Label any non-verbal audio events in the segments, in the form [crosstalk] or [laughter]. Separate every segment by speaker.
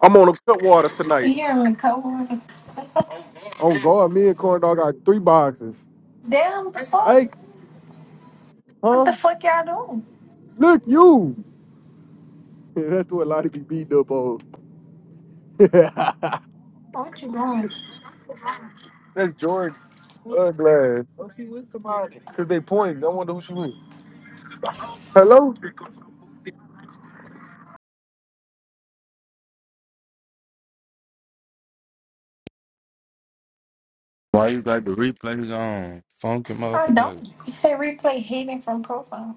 Speaker 1: I'm on a cut waters
Speaker 2: You
Speaker 1: tonight.
Speaker 2: hear the coworker?
Speaker 1: On guard, me and Corn Dog got three boxes.
Speaker 2: Damn, the fuck?
Speaker 1: Hey,
Speaker 2: What the
Speaker 1: huh?
Speaker 2: fuck y'all doing?
Speaker 1: Look, you. [laughs] That's what a lot of be beat up on. [laughs] That's
Speaker 2: What you doing?
Speaker 1: Jordan. Blood glass. Cause they pointing. I wonder who she is. Hello?
Speaker 3: Why you got the replays on? Funky
Speaker 2: I don't.
Speaker 3: motherfucker.
Speaker 2: You say replay hidden from profile.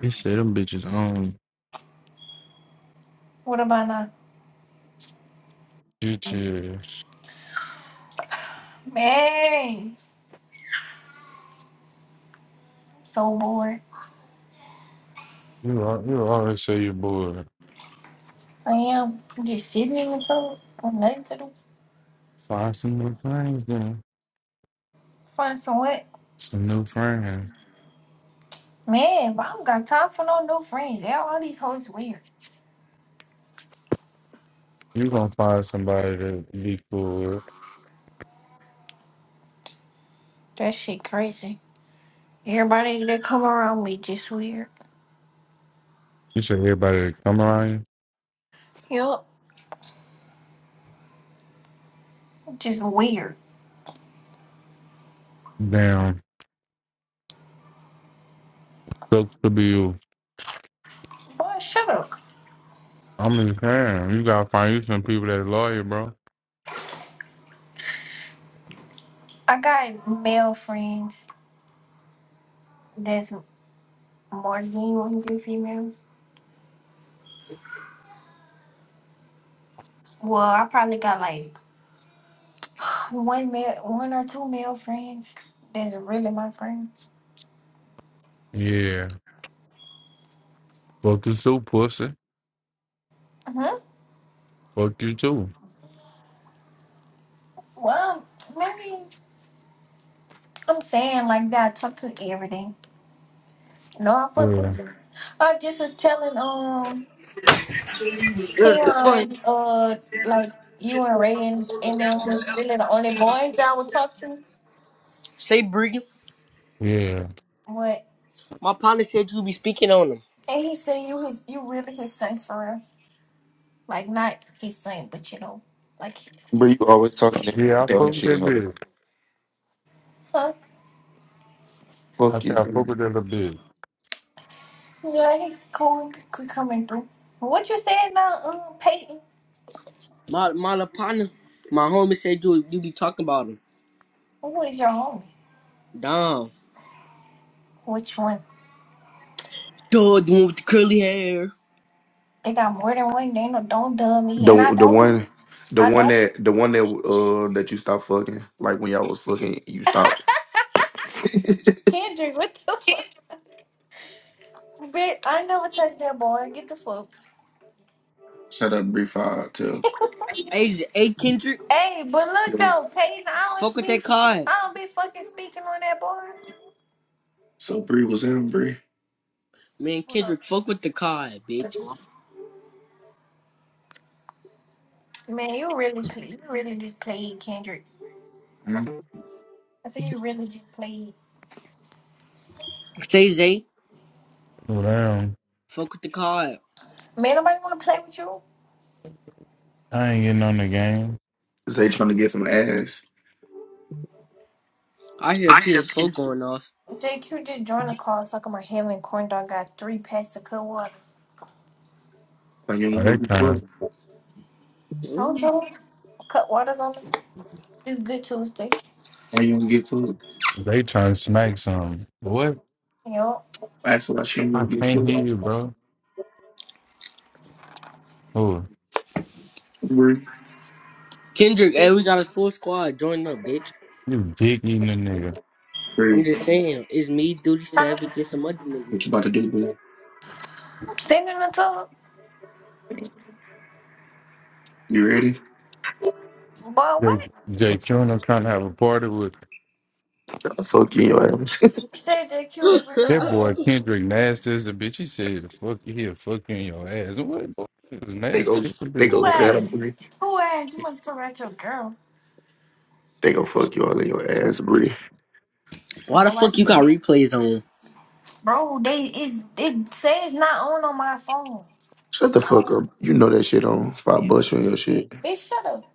Speaker 3: He said them bitches on.
Speaker 2: What about now?
Speaker 3: Get your
Speaker 2: Man, I'm so bored.
Speaker 3: you al- you always say you're bored.
Speaker 2: I am. I'm just sitting in the tub with nothing to do.
Speaker 3: Find some new friends then.
Speaker 2: Find some what?
Speaker 3: Some new friends.
Speaker 2: Man, but I don't got time for no new friends. Yeah, all these hoes weird.
Speaker 3: You gonna find somebody to be cool with.
Speaker 2: That shit crazy. Everybody that come around me just weird.
Speaker 3: You said everybody that come around you.
Speaker 2: Yup, just weird.
Speaker 3: Damn. Sucks to be you.
Speaker 2: Boy, shut up.
Speaker 3: I'm just saying, you gotta find you some people that loyal, bro.
Speaker 2: I got male friends. that's more genuine than you want to be female. Well, I probably got like one male, one or two male friends that's really my friends.
Speaker 3: Yeah. Fuck you too, pussy.
Speaker 2: hmm
Speaker 3: Fuck you too.
Speaker 2: Well, um, maybe I'm saying like that. I talk to everything. No, I fuck
Speaker 3: Yeah.
Speaker 2: with. you. I just was telling um
Speaker 4: Girl, go ahead.
Speaker 2: Keon uh like you and Ray and, and them was really the only boys that I would talk to.
Speaker 4: Say Briggy.
Speaker 3: Yeah.
Speaker 2: What?
Speaker 4: My partner said you be speaking on him.
Speaker 2: And he said you his you really his son for real. Like not his son, but you know, like
Speaker 5: Bro, you always talking
Speaker 3: Yeah,
Speaker 5: that
Speaker 3: I
Speaker 5: dog
Speaker 3: fuck with
Speaker 5: shit,
Speaker 3: that
Speaker 5: hoe.
Speaker 3: bitch.
Speaker 2: huh?
Speaker 3: I
Speaker 5: Fuck you,
Speaker 3: said I
Speaker 5: bro.
Speaker 3: fuck with that little bitch.
Speaker 2: Yeah, he cool. He could coming through. What you said now, um, Peyton?
Speaker 4: My my little partner, my homie said you you be talking about him.
Speaker 2: Who is your homie?
Speaker 4: Damn.
Speaker 2: Which one?
Speaker 4: Duh, the one with the curly hair.
Speaker 2: They got more than one. They no don't dub me,
Speaker 5: The
Speaker 2: and I
Speaker 5: the
Speaker 2: don't. do-
Speaker 5: one the
Speaker 2: I
Speaker 5: one
Speaker 2: don't.
Speaker 5: that the one that uh that you stopped fucking, like when y'all was fucking, you
Speaker 2: [laughs]
Speaker 5: stopped.
Speaker 2: Kendrick, what the fuck? Bitch, I never touched that boy. Get the fuck.
Speaker 5: Shut up, Bree. Five too.
Speaker 4: Hey, Z- hey Kendrick,
Speaker 2: Hey, but look though, Peyton, I don't
Speaker 4: fuck with
Speaker 2: speak.
Speaker 4: that card.
Speaker 2: I don't be fucking speaking on that boy.
Speaker 5: So Bree was in Bree.
Speaker 4: Man,
Speaker 2: Hold up,
Speaker 4: Kendrick, fuck with the card, bitch.
Speaker 2: man. You really play. You really just played Kendrick.
Speaker 5: Huh?
Speaker 2: I said you really just played.
Speaker 4: Say Zay,
Speaker 3: Well, damn.
Speaker 4: fuck with the card.
Speaker 2: Man, nobody want to play with you.
Speaker 3: I ain't getting on the game.
Speaker 5: Is they trying to get some ass?
Speaker 4: I hear a
Speaker 5: I am.
Speaker 4: PS4 going off.
Speaker 2: JQ just joined the call talking about him and Corn Dog got three packs of cut waters.
Speaker 5: Why you don't
Speaker 3: Oh,
Speaker 5: go
Speaker 3: they
Speaker 5: get
Speaker 3: trying,
Speaker 5: food?
Speaker 2: So
Speaker 4: Mm.
Speaker 2: told him, cut waters on this good Tuesday.
Speaker 5: Why you don't get fucked.
Speaker 3: they trying to smack something. What?
Speaker 2: Yo,
Speaker 5: That's why she don't go
Speaker 3: I
Speaker 5: get
Speaker 3: can't hear
Speaker 5: food.
Speaker 3: you, bro. Oh,
Speaker 5: Bree,
Speaker 4: Kendrick, hey, we got a full squad. Join up, bitch.
Speaker 3: you dick eating a nigga.
Speaker 4: I'm
Speaker 5: Bree,
Speaker 4: just saying, it's me, Duty
Speaker 2: Huh?
Speaker 4: Savage, and some other
Speaker 5: what
Speaker 4: niggas.
Speaker 5: you about to do, bro?
Speaker 2: Sending it to
Speaker 5: You ready?
Speaker 2: him. Boy,
Speaker 3: Jay,
Speaker 2: what?
Speaker 3: Jay Cuno trying to have a party with
Speaker 5: I'll fuck you in your ass. [laughs]
Speaker 2: You said JQ, real
Speaker 3: that
Speaker 4: [laughs]
Speaker 3: boy
Speaker 2: what?
Speaker 3: Kendrick nasty as a bitch. He said, the "Fuck you, here, fuck you in your ass." What? Boy, it was
Speaker 5: they
Speaker 3: nasty
Speaker 5: go
Speaker 3: as a
Speaker 5: they
Speaker 3: bitch,
Speaker 2: Who
Speaker 5: go
Speaker 3: boy.
Speaker 5: grab Bree.
Speaker 2: asked? Who asked? You must talk about your girl.
Speaker 5: They go fuck you all in your ass, Bree.
Speaker 4: Why the fuck
Speaker 2: Nobody.
Speaker 4: you got replays on?
Speaker 2: Bro, they is it says not on on my phone.
Speaker 5: Shut the fuck
Speaker 2: Oh.
Speaker 5: up. You know that shit on five bucks on your shit.
Speaker 2: Bitch, shut up.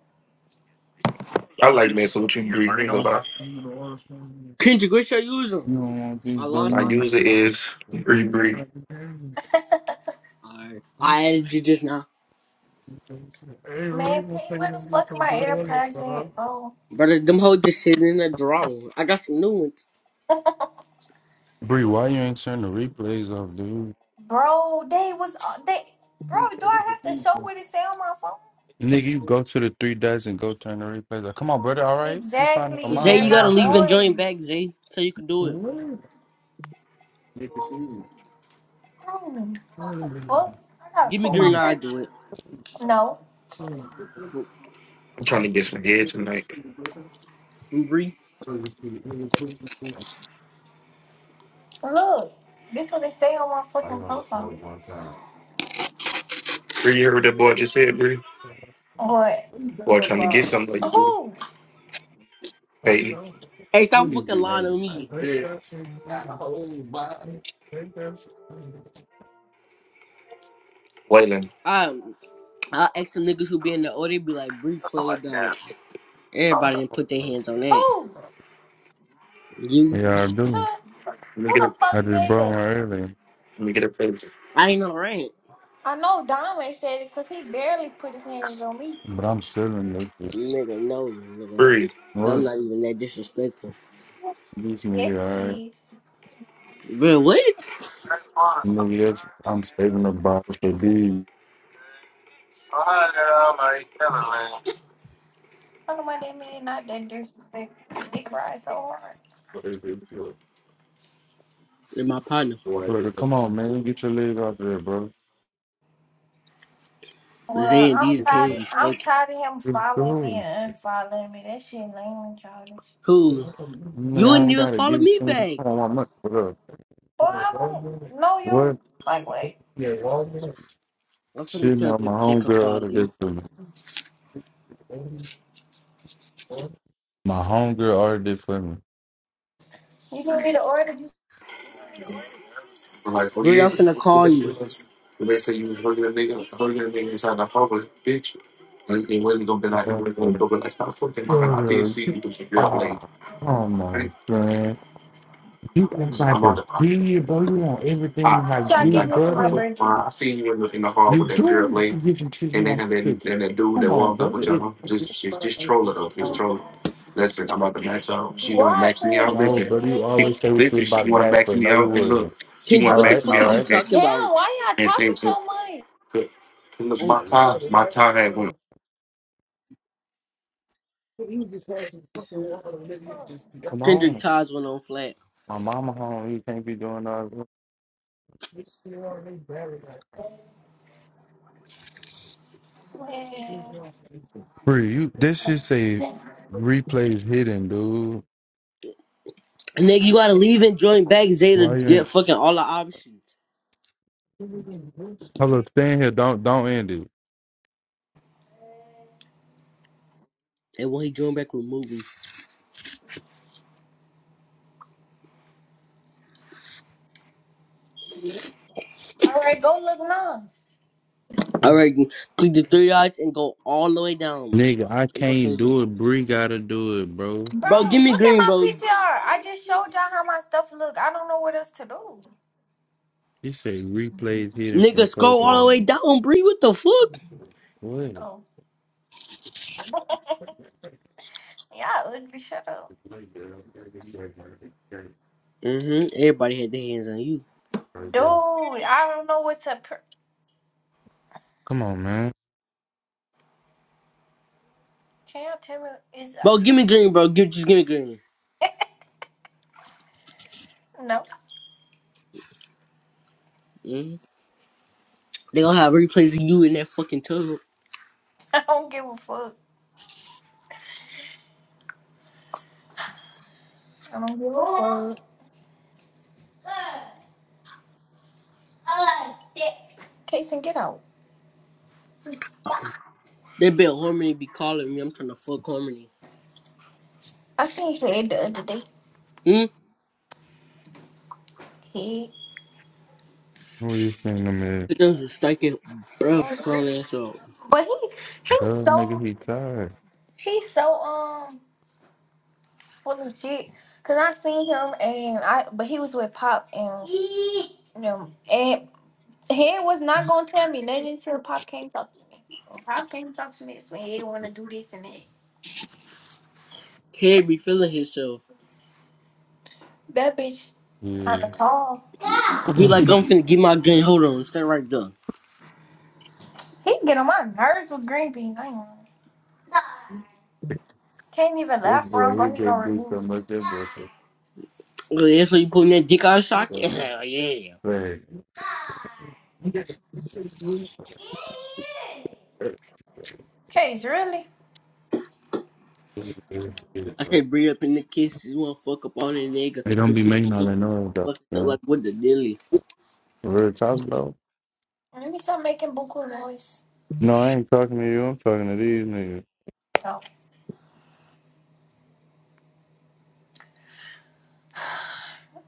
Speaker 5: I like messing with you, Bree. Ain't gonna
Speaker 3: Huh?
Speaker 5: lie.
Speaker 3: I'm gonna order from You
Speaker 4: Kendrick, what's your user?
Speaker 3: You don't want these,
Speaker 4: I
Speaker 3: bro. You
Speaker 5: My
Speaker 4: lost them.
Speaker 3: don't
Speaker 5: user
Speaker 3: want these.
Speaker 5: is Bree Bree.
Speaker 4: I I added you just now.
Speaker 3: Hey, Rory, you
Speaker 2: Man,
Speaker 3: gonna
Speaker 2: pay
Speaker 3: take
Speaker 2: where
Speaker 3: me
Speaker 2: the
Speaker 3: and get
Speaker 2: fuck
Speaker 3: some
Speaker 2: my
Speaker 3: girl in
Speaker 2: AirPods
Speaker 3: this,
Speaker 2: at, bro?
Speaker 4: Brother, them hoes just sitting in a drawer. I got some new ones.
Speaker 3: Bree, why you ain't turn the replays off, dude?
Speaker 2: Bro, they was, uh, they, bro, do I have to show what it say on my phone?
Speaker 3: Nigga, you go to the three dots and go turn the replays off. Come on, brother. All right, you find your
Speaker 2: Exactly.
Speaker 4: Zay,
Speaker 3: mom
Speaker 2: They're
Speaker 4: you
Speaker 3: ain't
Speaker 4: gotta
Speaker 3: my
Speaker 2: not
Speaker 4: leave
Speaker 3: favorite.
Speaker 4: and join
Speaker 2: on.
Speaker 4: back, Zay, so you can do it.
Speaker 3: Nigga, see me.
Speaker 2: Hmm,
Speaker 3: I
Speaker 2: What the
Speaker 3: only
Speaker 2: fuck? I gotta
Speaker 4: Give me
Speaker 2: pull my
Speaker 4: green
Speaker 3: smoke
Speaker 4: eye,
Speaker 2: phone.
Speaker 4: do it.
Speaker 2: No.
Speaker 3: one
Speaker 5: I'm trying to get some head tonight.
Speaker 4: And Bree.
Speaker 2: Look. This what they say on my fucking profile.
Speaker 3: time.
Speaker 5: Bree, you heard what that boy just said, Bree?
Speaker 2: What?
Speaker 3: you
Speaker 5: Boy,
Speaker 3: got
Speaker 5: trying to get
Speaker 3: about?
Speaker 5: something like you, Bree.
Speaker 2: Who?
Speaker 3: Who
Speaker 5: Peyton,
Speaker 4: Hey,
Speaker 3: you
Speaker 4: stop
Speaker 3: need
Speaker 4: fucking
Speaker 3: to be
Speaker 4: lying on
Speaker 3: hating like
Speaker 4: me.
Speaker 3: that?
Speaker 5: Waylon.
Speaker 4: I I ask some niggas who be in the O, they be like, Bree played though. Everybody didn't put their hands on that.
Speaker 2: Who?
Speaker 4: You?
Speaker 3: Yeah, I do.
Speaker 2: Sure.
Speaker 5: Let me
Speaker 2: Who
Speaker 5: get
Speaker 2: the
Speaker 5: a,
Speaker 2: fuck
Speaker 3: I just
Speaker 2: said
Speaker 3: brought one
Speaker 2: that?
Speaker 3: earlier,
Speaker 5: let me get a picture.
Speaker 4: I ain't no rank.
Speaker 2: I know Donley said it because he barely put his hands on me.
Speaker 3: but I'm still in the shit.
Speaker 4: Nigga, no, nigga.
Speaker 5: Bree.
Speaker 4: I'm
Speaker 3: What?
Speaker 4: not even that disrespectful.
Speaker 3: This nigga,
Speaker 2: Yes,
Speaker 3: alright.
Speaker 2: he is.
Speaker 4: Bro, what?
Speaker 3: Nigga, I'm saving the bottles for these.
Speaker 2: Talking about that man, not that disrespect. He dick ride so hard.
Speaker 4: And my partner,
Speaker 3: Look, come on, man. Get your leg out there, bro.
Speaker 2: Well,
Speaker 4: Zay and
Speaker 2: I'm
Speaker 4: these
Speaker 3: Give it
Speaker 4: came
Speaker 2: tired.
Speaker 3: to-
Speaker 4: be
Speaker 2: I'm
Speaker 4: fucking.
Speaker 2: tired of him following me and unfollowing me. That shit lame and childish.
Speaker 4: Who?
Speaker 3: Nigga,
Speaker 4: You
Speaker 3: I
Speaker 4: and
Speaker 3: ain't
Speaker 4: you
Speaker 3: gotta
Speaker 4: follow
Speaker 3: give it
Speaker 4: me
Speaker 3: to me.
Speaker 4: back.
Speaker 3: I don't want much for
Speaker 2: Well, I
Speaker 3: that.
Speaker 2: don't know
Speaker 3: What?
Speaker 2: you. Like, wait.
Speaker 4: I'm finna
Speaker 3: Shit,
Speaker 4: tell
Speaker 3: no, my
Speaker 4: baby J come
Speaker 3: homegirl
Speaker 4: follow
Speaker 3: ordered
Speaker 4: you.
Speaker 3: it for me. My homegirl ordered it
Speaker 2: You can be the order you
Speaker 5: I'm like, oh
Speaker 4: Bree,
Speaker 5: yeah,
Speaker 4: I'm finna
Speaker 5: the
Speaker 4: call
Speaker 5: man
Speaker 4: you.
Speaker 5: the man said you was hurting a nigga, hurting a nigga inside the office, bitch. Like, it wasn't gonna be like, it
Speaker 3: for
Speaker 5: wasn't gonna
Speaker 3: me.
Speaker 5: go, but like, stop fucking, my god. I did
Speaker 3: Girl,
Speaker 5: see
Speaker 3: you
Speaker 5: you with your girl
Speaker 3: are.
Speaker 5: late.
Speaker 3: Come
Speaker 5: All right,
Speaker 3: on, son. You act
Speaker 5: I'm
Speaker 3: like
Speaker 5: about
Speaker 3: a
Speaker 5: to. box.
Speaker 3: G, bro. You want everything you
Speaker 5: I
Speaker 2: that
Speaker 3: like
Speaker 5: see
Speaker 2: y'all
Speaker 5: you
Speaker 3: G,
Speaker 2: gave
Speaker 5: like
Speaker 2: me
Speaker 5: a
Speaker 2: for my
Speaker 5: tough
Speaker 3: brother.
Speaker 5: up.
Speaker 2: birthday.
Speaker 5: I seen you in the, in the hall
Speaker 3: You
Speaker 5: with that girl
Speaker 3: do. you
Speaker 5: late,
Speaker 3: get some shit, you
Speaker 5: and then
Speaker 3: want
Speaker 5: had that
Speaker 3: shit.
Speaker 5: then that dude
Speaker 3: Come
Speaker 5: that
Speaker 3: on,
Speaker 5: walked up
Speaker 3: brother.
Speaker 5: with
Speaker 3: It's
Speaker 5: y'all. Just just just troll her though, just troll her. Listen, I'm about to max out. She want to
Speaker 2: Why is
Speaker 5: max me out.
Speaker 3: no,
Speaker 5: Listen,
Speaker 3: brother. You
Speaker 2: it
Speaker 5: she
Speaker 2: today?
Speaker 3: always say what you
Speaker 5: listen. She
Speaker 3: about
Speaker 5: want to
Speaker 3: that,
Speaker 5: max
Speaker 3: but
Speaker 5: me
Speaker 3: no, you
Speaker 5: out, and look,
Speaker 3: wouldn't.
Speaker 5: she want
Speaker 4: Kendrick,
Speaker 5: to
Speaker 3: All
Speaker 4: what the
Speaker 3: right,
Speaker 5: max me
Speaker 4: fuck
Speaker 3: all
Speaker 4: is
Speaker 5: out.
Speaker 4: you
Speaker 3: right.
Speaker 5: And,
Speaker 4: talking about?
Speaker 2: Damn, why y'all
Speaker 5: and say
Speaker 2: talking
Speaker 5: so.
Speaker 2: so much?
Speaker 5: Cause 'cause look,
Speaker 4: Oh,
Speaker 5: my tie, my tie had went.
Speaker 3: You just had some fucking water, nigga. You just- Come
Speaker 4: Kendrick
Speaker 3: on.
Speaker 4: Todd's went on flat.
Speaker 3: My mama home. You can't be doing all that. You know what I mean? Barry, like- Bree, you this should say
Speaker 2: Man.
Speaker 3: replays hidden, dude.
Speaker 4: Nigga, you gotta leave and join back Zay to
Speaker 3: Why you
Speaker 4: get
Speaker 3: ain't
Speaker 4: fucking all the options.
Speaker 3: hello stand here, don't don't end it.
Speaker 4: And when he join back, remove him.
Speaker 2: All right, go look now.
Speaker 4: Alright, click the three dots and go all the way down.
Speaker 3: Nigga, I
Speaker 4: You gonna
Speaker 3: can't
Speaker 4: say,
Speaker 3: do it. Bree gotta do it, bro.
Speaker 2: Bro,
Speaker 4: bro, give me
Speaker 2: look at
Speaker 4: green,
Speaker 2: my
Speaker 4: bro.
Speaker 2: PCR. I just showed y'all how my stuff look. I don't know what else to do.
Speaker 3: He say replays hidden from
Speaker 4: Nigga, scroll all the
Speaker 3: profile.
Speaker 4: way down, Bree. What the fuck?
Speaker 3: What?
Speaker 2: Oh, yeah, ugly. Shut up,
Speaker 4: Mm-hmm. Everybody had their hands on you.
Speaker 2: dude. I don't know what to. Per-
Speaker 3: Come on, man.
Speaker 2: Can y'all tell me? Is
Speaker 4: Bro,
Speaker 2: uh,
Speaker 4: give me green, bro. Give, just give me green.
Speaker 2: no?
Speaker 4: Mm-hmm. They gonna have replays of you in that fucking tub.
Speaker 2: [laughs] I don't give a fuck. I don't give a fuck. Taysom, get out.
Speaker 4: They bet Harmony be calling me. I'm trying to fuck Harmony.
Speaker 2: I seen Head the other day.
Speaker 4: Hmm?
Speaker 2: Head.
Speaker 3: Who are you saying them at?
Speaker 4: It does a stinking breath
Speaker 2: Um,
Speaker 4: smell ass up.
Speaker 2: But he he's
Speaker 3: Duh, nigga,
Speaker 2: so
Speaker 3: he tired.
Speaker 2: he's so um full of shit. Cause I seen him and I but he was with Pop and you know and Head was not gonna tell me nothing until Pop came talk to me. When Pop came talk to me, that's when Head wanna do this and that.
Speaker 4: Can't be feeling himself.
Speaker 2: That bitch
Speaker 3: Yeah.
Speaker 2: kinda tall.
Speaker 4: Be like
Speaker 3: [laughs]
Speaker 4: I'm finna get my gun. Hold on, stay right there.
Speaker 2: He get on my nerves with green beans. I ain't gonna lie. Can't even
Speaker 3: This
Speaker 2: laugh
Speaker 3: boy,
Speaker 2: wrong.
Speaker 3: he
Speaker 2: I'm going
Speaker 3: been do
Speaker 2: remove
Speaker 3: so
Speaker 2: you.
Speaker 3: much. This
Speaker 4: Oh, yeah, so you putting that dick out of sock? [laughs]
Speaker 3: boy.
Speaker 4: Yeah, yeah.
Speaker 3: Like, they
Speaker 2: Case, really?
Speaker 4: I said Bree up in the kitchen. You wanna fuck up on that nigga?
Speaker 3: don't
Speaker 4: Them
Speaker 3: be
Speaker 4: two
Speaker 3: making all that
Speaker 4: niggas
Speaker 3: noise, though.
Speaker 4: Fuck
Speaker 3: You
Speaker 4: it up
Speaker 3: know?
Speaker 4: like what the dilly?
Speaker 3: Real talk, though.
Speaker 2: Let me stop making buku noise.
Speaker 3: No, I ain't talking to you. I'm talking to these niggas.
Speaker 2: Oh,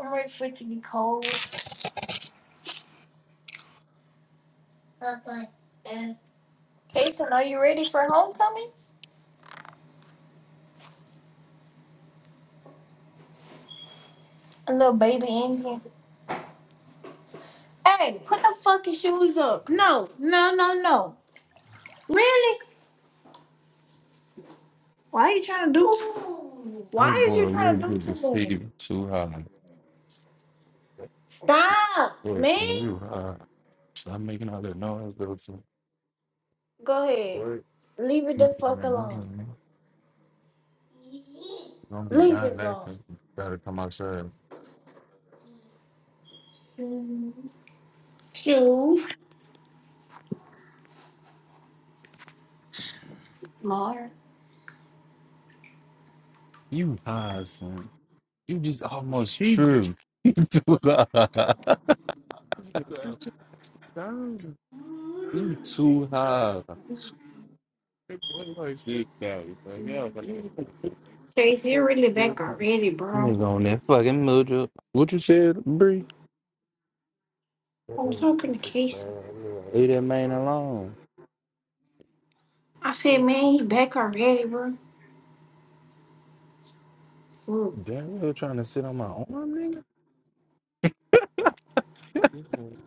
Speaker 2: I'm ready for it to be cold. Case, are you ready for homecoming? A little baby Indian. Hey, put the fucking shoes up. No, no, no, no. Really? Why are you trying to do?
Speaker 3: Your
Speaker 2: Why
Speaker 3: boy
Speaker 2: is you trying
Speaker 3: really
Speaker 2: to do
Speaker 3: get
Speaker 2: too much?
Speaker 3: deceived too high.
Speaker 2: Stop,
Speaker 3: Boy,
Speaker 2: man.
Speaker 3: you high. Stop making all that noise, though. son.
Speaker 2: Go ahead.
Speaker 3: Boy,
Speaker 2: Leave it the
Speaker 3: you making all
Speaker 2: fuck
Speaker 3: that noise,
Speaker 2: alone.
Speaker 3: man. you going to be
Speaker 2: Leave
Speaker 3: dying
Speaker 2: it
Speaker 3: laughing. You got to come outside.
Speaker 2: alone. Two. Lord.
Speaker 3: You high, son. You just almost He [laughs] You too high. [laughs] You too high. That boy like Yeah, like-
Speaker 2: Casey, you're really back already, bro.
Speaker 3: Nigga on that fucking mojo. What you said, Bree?
Speaker 2: I was talking to Casey.
Speaker 3: Leave that man alone.
Speaker 2: I said, man, he's back already, bro. Look,
Speaker 3: Damn, you trying to sit on my arm, nigga? [laughs]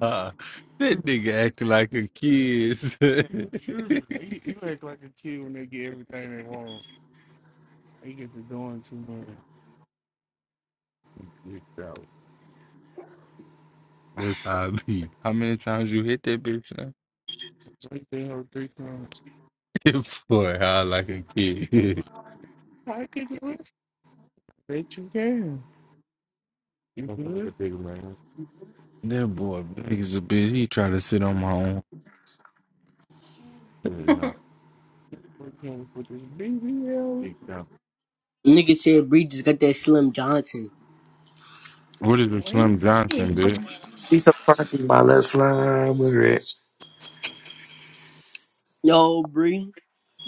Speaker 3: Uh, that nigga acting like a kid. [laughs] you, you act like a kid when they get everything they want. They get to doing too much. That's how I be. How many times you hit that bitch? son? Drake they hold three times. [laughs] Boy, how I like a kid. [laughs] I can do it. Bet you can. You That's good? the big man. that boy big as a bitch. He tried to sit on my own. Big now. We put this BBL. Big now.
Speaker 4: Nigga said Bree just got that Slim Johnson.
Speaker 3: What is the Slim
Speaker 2: what is
Speaker 3: Johnson, bitch?
Speaker 5: She's a party, my last line was red.
Speaker 4: Yo, Bree.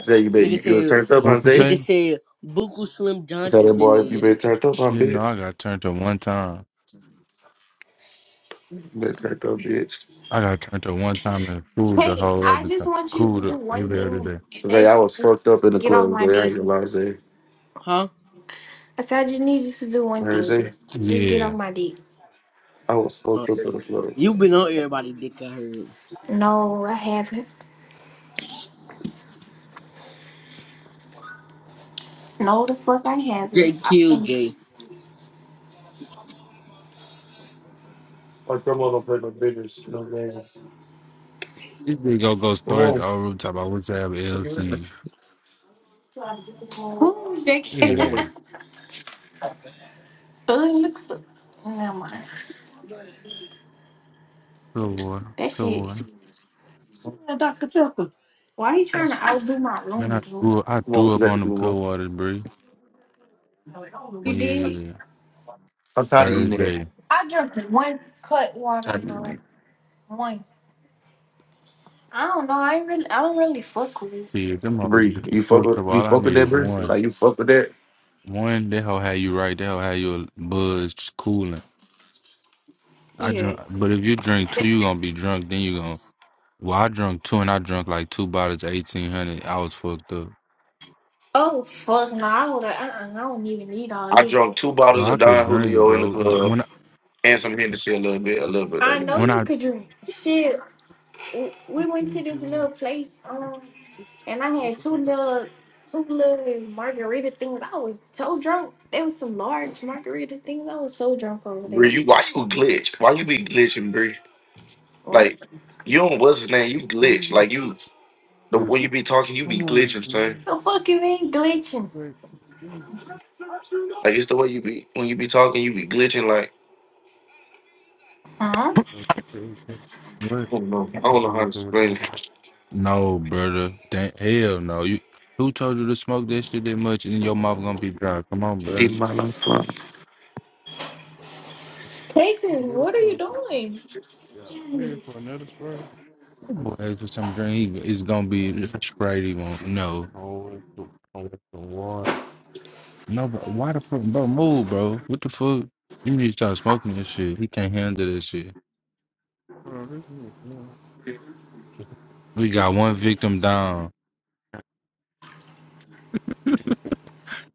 Speaker 5: Say you bet
Speaker 4: Nigga
Speaker 5: you, you was
Speaker 4: said
Speaker 5: turned up,
Speaker 3: What
Speaker 5: huh,
Speaker 3: you
Speaker 5: Zay?
Speaker 3: say?
Speaker 4: nigga said Buku Slim
Speaker 5: So
Speaker 4: Johnson's
Speaker 5: that
Speaker 4: been
Speaker 5: boy,
Speaker 4: in
Speaker 5: you
Speaker 4: here.
Speaker 5: better turned up, huh,
Speaker 3: Shit, no,
Speaker 5: bitch.
Speaker 3: I got turned to one time.
Speaker 5: You better turned up, bitch.
Speaker 3: I got turned to one time and cooled the
Speaker 2: Hey,
Speaker 3: whole
Speaker 2: I
Speaker 3: other
Speaker 2: just
Speaker 3: time.
Speaker 2: want you to
Speaker 3: Cooled
Speaker 2: do
Speaker 3: the
Speaker 2: one
Speaker 3: every other
Speaker 2: thing,
Speaker 3: day.
Speaker 2: and
Speaker 5: Zay, I
Speaker 2: that's
Speaker 5: was fucked up
Speaker 2: just
Speaker 5: in the
Speaker 2: get off
Speaker 5: club.
Speaker 2: my
Speaker 5: Zay, I
Speaker 2: dick.
Speaker 5: ain't gonna lie, Zay.
Speaker 4: Huh?
Speaker 2: I said, I just need you to do
Speaker 5: You
Speaker 2: one
Speaker 5: heard
Speaker 2: thing.
Speaker 5: Zay?
Speaker 2: Just, just get off
Speaker 3: Yeah.
Speaker 2: my dick.
Speaker 5: I was fucked up in the club.
Speaker 4: you been on
Speaker 5: Like
Speaker 4: everybody dick I heard.
Speaker 2: No, I haven't. No, the fuck I haven't. I,
Speaker 4: JQ,
Speaker 5: My grandma don't play no business, no games.
Speaker 3: This big go go
Speaker 5: Come
Speaker 3: stories
Speaker 5: on.
Speaker 3: all rooftop. I wish I have
Speaker 5: What do you at?
Speaker 3: LC.
Speaker 2: ooh, that, ooh,
Speaker 5: Come on.
Speaker 3: Yeah.
Speaker 2: [laughs] it looks... so, Never mind.
Speaker 3: Good water.
Speaker 2: That
Speaker 3: Good
Speaker 2: shit.
Speaker 3: water.
Speaker 2: Why you
Speaker 5: Come
Speaker 2: trying to outdo my
Speaker 3: Man,
Speaker 2: room,
Speaker 3: I
Speaker 2: bro?
Speaker 3: grew I
Speaker 5: on,
Speaker 3: grew
Speaker 5: what you
Speaker 3: up
Speaker 5: got to
Speaker 3: on them
Speaker 5: do,
Speaker 3: good
Speaker 5: man?
Speaker 3: waters, Bree.
Speaker 2: You did.
Speaker 3: Yeah.
Speaker 5: I'm tired of eating
Speaker 3: Thursday.
Speaker 5: that.
Speaker 2: I drank one cut water,
Speaker 5: Tired of eating
Speaker 2: bro.
Speaker 5: that.
Speaker 2: One. I don't know. I ain't really. I don't really fuck with it.
Speaker 3: Yeah, them hoes
Speaker 5: Bree,
Speaker 3: get you
Speaker 5: you fuck
Speaker 3: fucked
Speaker 5: with
Speaker 3: up.
Speaker 5: you
Speaker 3: All I
Speaker 5: fuck with
Speaker 3: need is
Speaker 5: that, Bree?
Speaker 3: one.
Speaker 5: Like you fuck with that?
Speaker 3: One, that hoe had you right. That hoe had you buzzed, cooling. I drunk,
Speaker 2: Yes.
Speaker 3: but if you drink two, you gonna be drunk. Then you gonna. Well, I drunk two, and I drunk like two bottles, eighteen hundred. I was fucked up,
Speaker 2: Oh fuck no! I would. Uh-uh, I don't even need all
Speaker 5: I
Speaker 2: this.
Speaker 5: drunk two
Speaker 3: bro.
Speaker 5: bottles
Speaker 3: I
Speaker 5: of
Speaker 3: could
Speaker 5: Don
Speaker 3: drink,
Speaker 5: Julio in the
Speaker 3: bro. D-
Speaker 5: club
Speaker 3: When I,
Speaker 5: and some Hennessy a little bit, a little bit
Speaker 2: I
Speaker 5: of it.
Speaker 2: know
Speaker 3: when
Speaker 2: you
Speaker 3: I.
Speaker 2: could drink. Shit. w- We went to this little place. Um, and I had two
Speaker 3: [laughs]
Speaker 2: little, two little margarita things. I was so drunk. There was some large margarita things. I was so drunk over
Speaker 5: Bree,
Speaker 2: there.
Speaker 5: you why you glitch? Why you be glitching, Bree?
Speaker 2: What?
Speaker 5: Like you don't what's his name? You glitch. Like you. The, when you be talking, you be
Speaker 3: Come on,
Speaker 5: glitching, son.
Speaker 3: son.
Speaker 2: The fuck you ain't glitching?
Speaker 5: Like it's the way you be when you be talking, you be glitching. Like
Speaker 2: Huh?
Speaker 3: What?
Speaker 5: I
Speaker 3: You
Speaker 5: don't know, I don't know
Speaker 3: give
Speaker 5: how to
Speaker 3: me some
Speaker 5: explain
Speaker 3: drink?
Speaker 5: it.
Speaker 3: No, brother. Damn, hell no. You who told you to smoke that shit that much and your mouth gonna be dry? Come on,
Speaker 5: She
Speaker 3: brother.
Speaker 5: might not smile.
Speaker 3: I'm
Speaker 2: Kason,
Speaker 3: here
Speaker 2: what are you
Speaker 3: for some-
Speaker 2: doing?
Speaker 3: yeah. I'm here for another spray. That Boy, ask for some drink. He, it's gonna be a Sprite. He won't. No, Oh, it's the, oh, it's the water. no. But why the fuck, bro? Move, bro. What the fuck? You need to start smoking that shit. He can't handle that shit. Bro, this is, yeah. We got one victim down.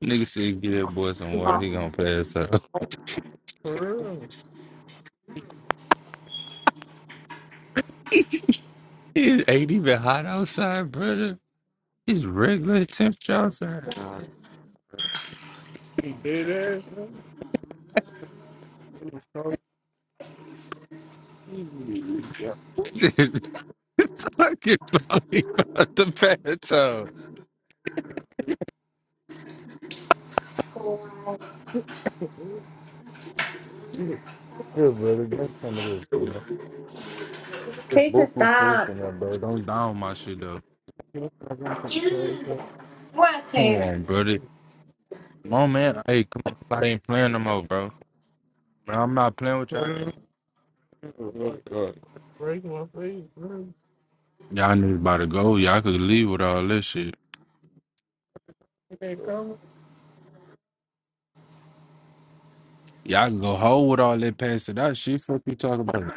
Speaker 3: Nigga said, "Get that boy some water. He
Speaker 2: Awesome.
Speaker 3: gonna pass out." [laughs] For real. [laughs] it ain't even hot outside, brother. It's regular temperature outside. Nah, he did that. It was so easy. Yeah. [laughs] Talking about, he about the bathtub. Shit. Yeah, [laughs] brother, drink some of this, man. There's
Speaker 2: Kason,
Speaker 3: buku fruits
Speaker 2: stop.
Speaker 3: in there, bro. Don't down my shit though.
Speaker 2: What I
Speaker 3: Come
Speaker 2: said?
Speaker 3: on, brother. Come on, man. Hey, come on. I ain't playing no more, bro. I'm not playing with y'all. Break my face, bro. Y'all niggas about to go. Y'all could leave with all this shit. Y'all can go hold with all that pass it out shit. Fuck you talking about.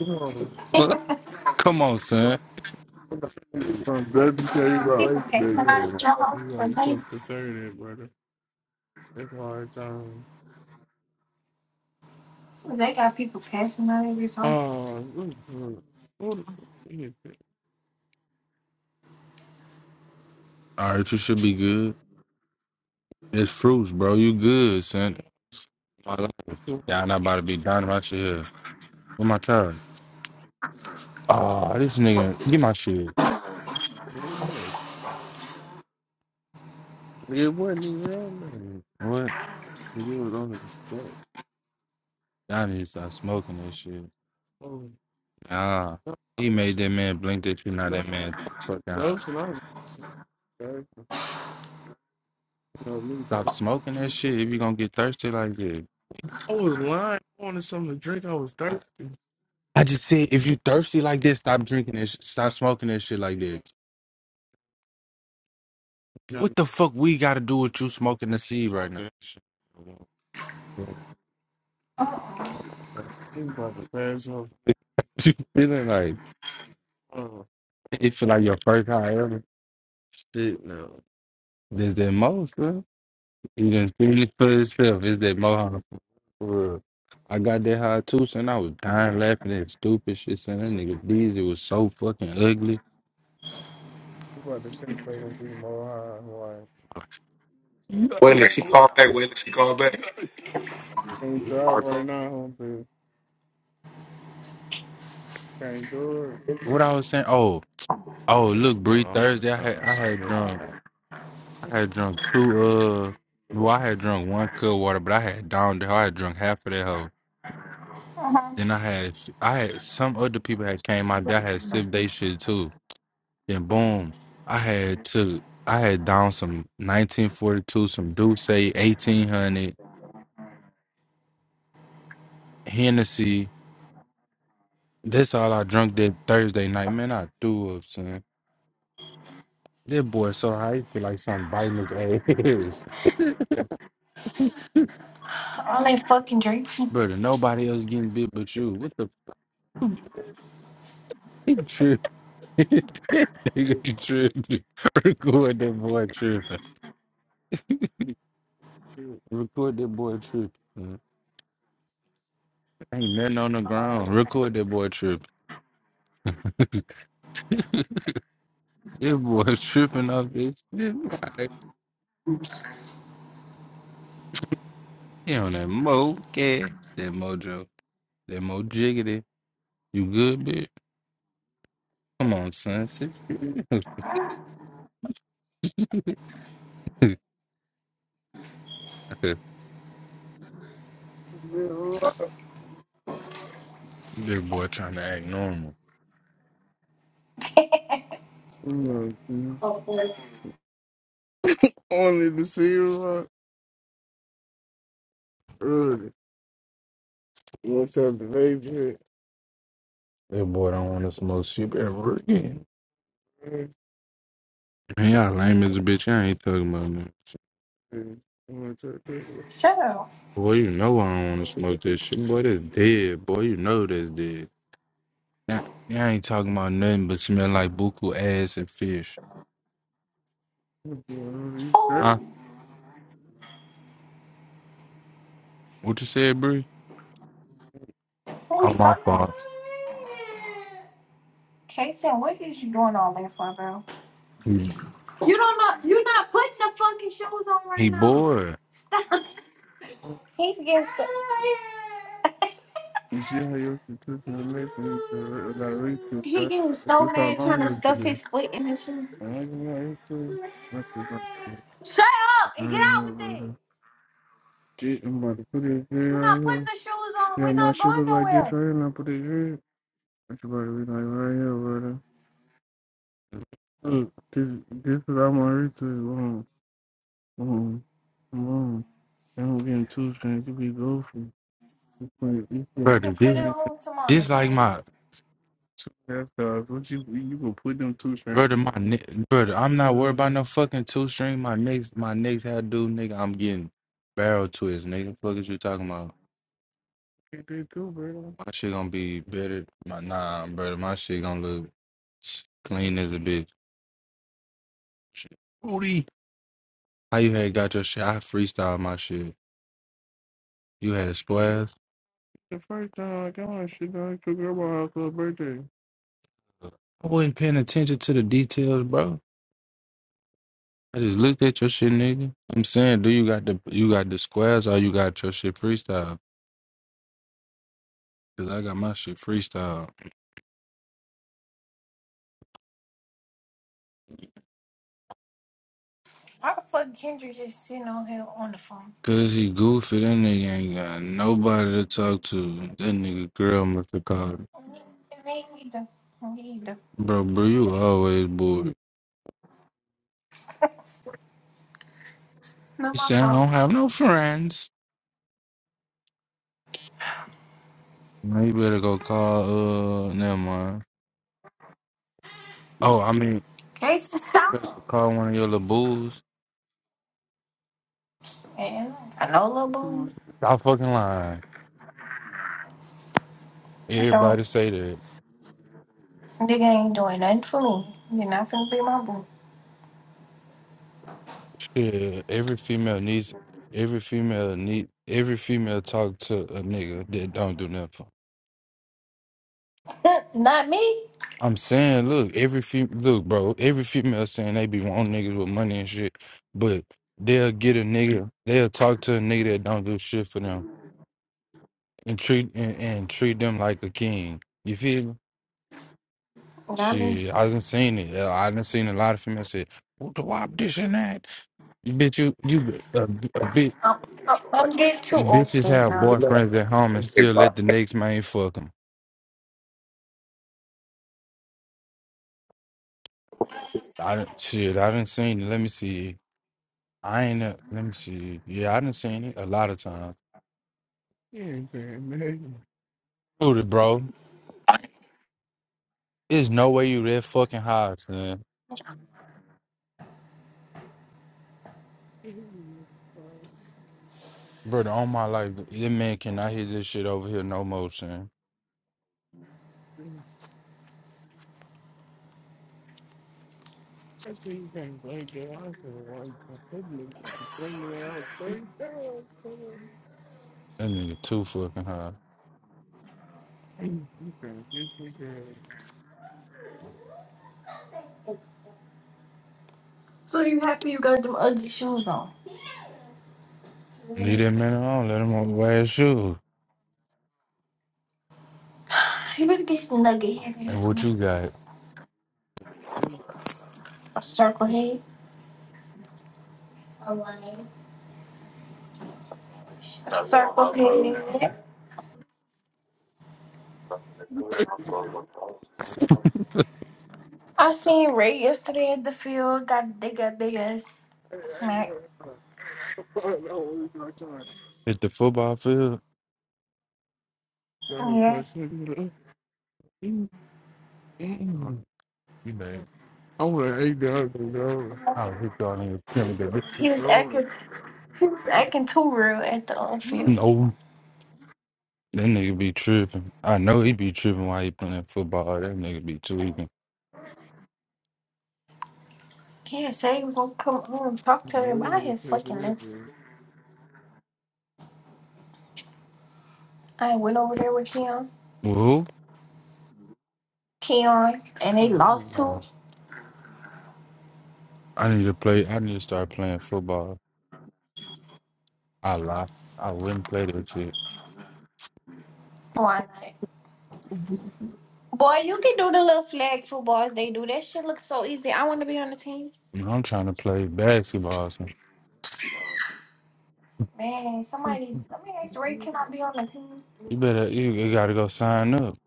Speaker 3: Come on, Look, come on, son. Baby
Speaker 2: Uh,
Speaker 3: came
Speaker 2: People
Speaker 3: out. Baby
Speaker 2: passing out
Speaker 3: came
Speaker 2: of
Speaker 3: out.
Speaker 2: your
Speaker 3: You
Speaker 2: house.
Speaker 3: right. You
Speaker 2: They,
Speaker 3: supposed to consider that, brother. That's a hard time.
Speaker 2: they got people passing out of this house.
Speaker 3: Oh, All right, you should be good. It's fruits, bro. You good, son. My life. Yeah, I'm not about to be done my shit here. With my child. Ah, this nigga, get my shit. Yeah, It wasn't even that nigga. What? Nigga was on the back. Y'all need to stop smoking that shit. Oh. Nah. He made that man blink that you not that man. Fuck down. No, so I you know, me- Stop smoking that shit if you gonna get thirsty like this. I was lying. I wanted something to drink. I was thirsty. I just said if you thirsty like this, stop drinking this. Stop smoking this shit like this. What the fuck we got to do with you smoking the seed right now? [laughs] feeling like it feel like your first high ever? Shit, no. This that most, huh? You done seen it for yourself. It's that mohawk. for real. I got that high too, son. I was dying laughing at stupid shit, son. That nigga Deezy was so fucking ugly. You about to say something to your mom, huh?
Speaker 5: Wait
Speaker 3: Like,
Speaker 5: until
Speaker 3: [laughs]
Speaker 5: she call back. Wait
Speaker 3: Yeah.
Speaker 5: until she call back.
Speaker 3: can't
Speaker 5: I
Speaker 3: drive
Speaker 5: don't know
Speaker 3: right now, homie. Okay, good. What I was saying? Oh, oh, look, Bree. Oh, Thursday, I had I had drunk, yeah. I had drunk two. Uh, well, I had drunk one cup of water, but I had downed it. I had drunk half of that hoe. Then I had, I had some other people had came out. there, I had sipped they shit too. Then boom, I had took, I had down some 1942, some Douce, 1800, Hennessy. That's all I drunk that Thursday night. Man, I threw up, son. That boy so high, he feel like something biting his ass. [laughs]
Speaker 2: All they fucking drinking.
Speaker 3: Brother, nobody else getting bit but you. What the fuck, tripping? [laughs] Nigga tripping. [laughs] Record that boy tripping. [laughs] Record that boy tripping. man. Ain't nothing on the ground. Record that boy tripping. [laughs] That boy tripping off this shit. Like, he on that mo cat. That mojo. That mo jiggity. You good, bitch? Come on, son. Six. [laughs] that boy trying to act normal. Mm-hmm. Only the silver. Really. What's up, the baby? That boy don't want to smoke shit ever again. Man, y'all lame as a bitch. I ain't talking about nothing. Mm. You want to
Speaker 2: Shut up.
Speaker 3: Boy, you know I don't want to smoke this shit. Boy, that's dead. Boy, you know that's dead. Nah, nah, I ain't talking about nothing but smell like buku ass and fish. Huh?
Speaker 2: Who?
Speaker 3: What you said, Bree?
Speaker 2: who are
Speaker 3: Oh,
Speaker 2: you
Speaker 3: my
Speaker 2: talking about?
Speaker 3: fault.
Speaker 2: Kason, what is you doing all that for, bro?
Speaker 3: He
Speaker 2: You don't know. You're not putting the fucking shoes on right
Speaker 3: he
Speaker 2: now.
Speaker 3: bored.
Speaker 2: Stop. He's getting so.
Speaker 3: You see
Speaker 2: [laughs]
Speaker 3: how your constitution makes me to gotta read to
Speaker 2: He
Speaker 3: right?
Speaker 2: getting so
Speaker 3: It's how
Speaker 2: mad trying
Speaker 3: long
Speaker 2: to
Speaker 3: is
Speaker 2: stuff
Speaker 3: it?
Speaker 2: his foot in his shoe.
Speaker 3: I'm it. gonna lie, it's my shit about to get
Speaker 2: Shut up and
Speaker 3: right
Speaker 2: get out
Speaker 3: here,
Speaker 2: with it.
Speaker 3: brother. Shit, I'm about to put this
Speaker 2: We're
Speaker 3: here right
Speaker 2: not putting
Speaker 3: here.
Speaker 2: the shoes on.
Speaker 3: Yeah,
Speaker 2: We're
Speaker 3: my
Speaker 2: not
Speaker 3: shit
Speaker 2: going
Speaker 3: look like this
Speaker 2: nowhere.
Speaker 3: right here, and I put it here. My shit about to be like right here, brother. Look, this, this is how my read to um, um, um. I'm getting too fancy, be goofy. Like, you
Speaker 2: You
Speaker 3: Brother,
Speaker 2: can put
Speaker 3: this
Speaker 2: it
Speaker 3: can't-
Speaker 2: on tomorrow,
Speaker 3: this like
Speaker 2: bro.
Speaker 3: my That's cause what you you gonna put them two strings? Brother, my ne- brother, I'm not worried about no fucking two string. My next, my next do, nigga, I'm getting barrel twist, nigga. Fuck is you talking about? They did bro. My shit gonna be better. My, nah, brother, my shit gonna look clean as a bitch. Shit. Booty. How you had got your shit? I freestyle my shit. You had squares. The first time I got my shit done, I took her to her her birthday. I wasn't paying attention to the details, bro. I just looked at your shit, nigga. I'm saying, do you got the you got the squares or you got your shit freestyle? Cause I got my shit freestyle.
Speaker 2: Why the fuck Kendrick just sitting on here on the phone?
Speaker 3: Cause he goofy, that nigga ain't got nobody to talk to. That nigga girl must have called him.
Speaker 2: Me me either. Me either.
Speaker 3: Bro, bro, you always bored.
Speaker 2: Not
Speaker 3: He
Speaker 2: my
Speaker 3: said, I
Speaker 2: fault.
Speaker 3: don't have no friends. Man, you better go call, uh, never mind. Oh, I mean, you
Speaker 2: Jason,
Speaker 3: better go
Speaker 2: stop.
Speaker 3: call one of your little bulls.
Speaker 2: Yeah. I know little boo.
Speaker 3: Stop fucking lying.
Speaker 2: I don't.
Speaker 3: Everybody say that.
Speaker 2: Nigga ain't doing nothing for me. You're not finna be my boo.
Speaker 3: Yeah, every female needs every female need every female talk to a nigga that don't do nothing.
Speaker 2: [laughs] not me.
Speaker 3: I'm saying, look, every fe look, bro, every female saying they be wanting niggas with money and shit, but they'll get a nigga, they'll talk to a nigga that don't do shit for them and treat and, and treat them like a king. You feel me?
Speaker 2: Not me.
Speaker 3: Shit, I done seen it. Uh, I done seen a lot of females say, "What the wop this and that?" Bitch, you you a, a bitch.
Speaker 2: I'm, I'm
Speaker 5: if
Speaker 2: I'm getting too old for
Speaker 3: Bitches
Speaker 5: she
Speaker 2: that
Speaker 3: have
Speaker 5: do
Speaker 2: now.
Speaker 5: it or not.
Speaker 3: boyfriends at home and
Speaker 5: Okay,
Speaker 3: still let
Speaker 5: bye.
Speaker 3: the next man fuck them. I done, shit, I done seen it. Let me see. I ain't, a, let me see. Yeah, I done seen it a lot of times. You ain't saying nothing. Dude, it, bro, there's no way you that fucking high, son. Brother, on my life, this man cannot hear this shit over here no more, son. I seen things like that. I said, "Well, I couldn't bring you out thirty thousand. That nigga too fucking high. [laughs] You can get some good.
Speaker 2: So you happy you got them ugly shoes on?
Speaker 3: Leave that man alone. Let him wear his shoes.
Speaker 2: [sighs] You better get some nugget head
Speaker 3: And
Speaker 2: ass
Speaker 3: what
Speaker 2: on.
Speaker 3: you got?
Speaker 2: A circle head. Alright. A circle head. I seen Ray yesterday at the field. Got they got big ass smack.
Speaker 3: Hit the football field. Oh, he
Speaker 2: Yeah.
Speaker 3: starting to intimidate. No,
Speaker 2: He was acting he was acting too real at the on field.
Speaker 3: that nigga be tripping. I know he be tripping while he playing football. That nigga be tweaking.
Speaker 2: He didn't say he was gonna come home and talk to him. I had fucking lips. I went over there with him,
Speaker 3: Well, Who?
Speaker 2: Keon, and they lost to
Speaker 3: I need to play. I need to start playing football. I lie. I wouldn't play that shit.
Speaker 2: Why? Boy, you can do the little flag footballs they do. That shit looks so easy. I want to be on the team.
Speaker 3: You know, I'm trying to play basketball. So
Speaker 2: Man, somebody needs. Let me ask Ray, can
Speaker 3: you
Speaker 2: I be on the team?
Speaker 3: better, you, you gotta go sign up.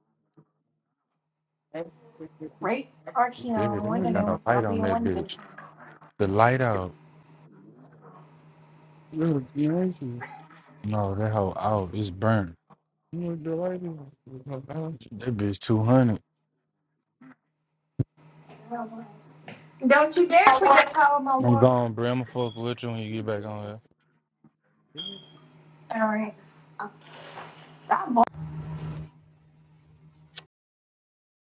Speaker 3: Dude,
Speaker 2: Ray or
Speaker 3: they
Speaker 2: Keon, one of
Speaker 3: ain't got no
Speaker 2: them.
Speaker 3: light
Speaker 2: I'll be
Speaker 3: on
Speaker 2: on
Speaker 3: that
Speaker 2: one of them.
Speaker 3: bitch. The light out. No, it's nasty. No, that hoe out. It's burnt. No, the light is- That bitch 200.
Speaker 2: Don't you dare put that towel in my
Speaker 3: I'm
Speaker 2: water.
Speaker 3: gone, bro. I'ma fuck with you when you get back on here.
Speaker 2: All right. I'm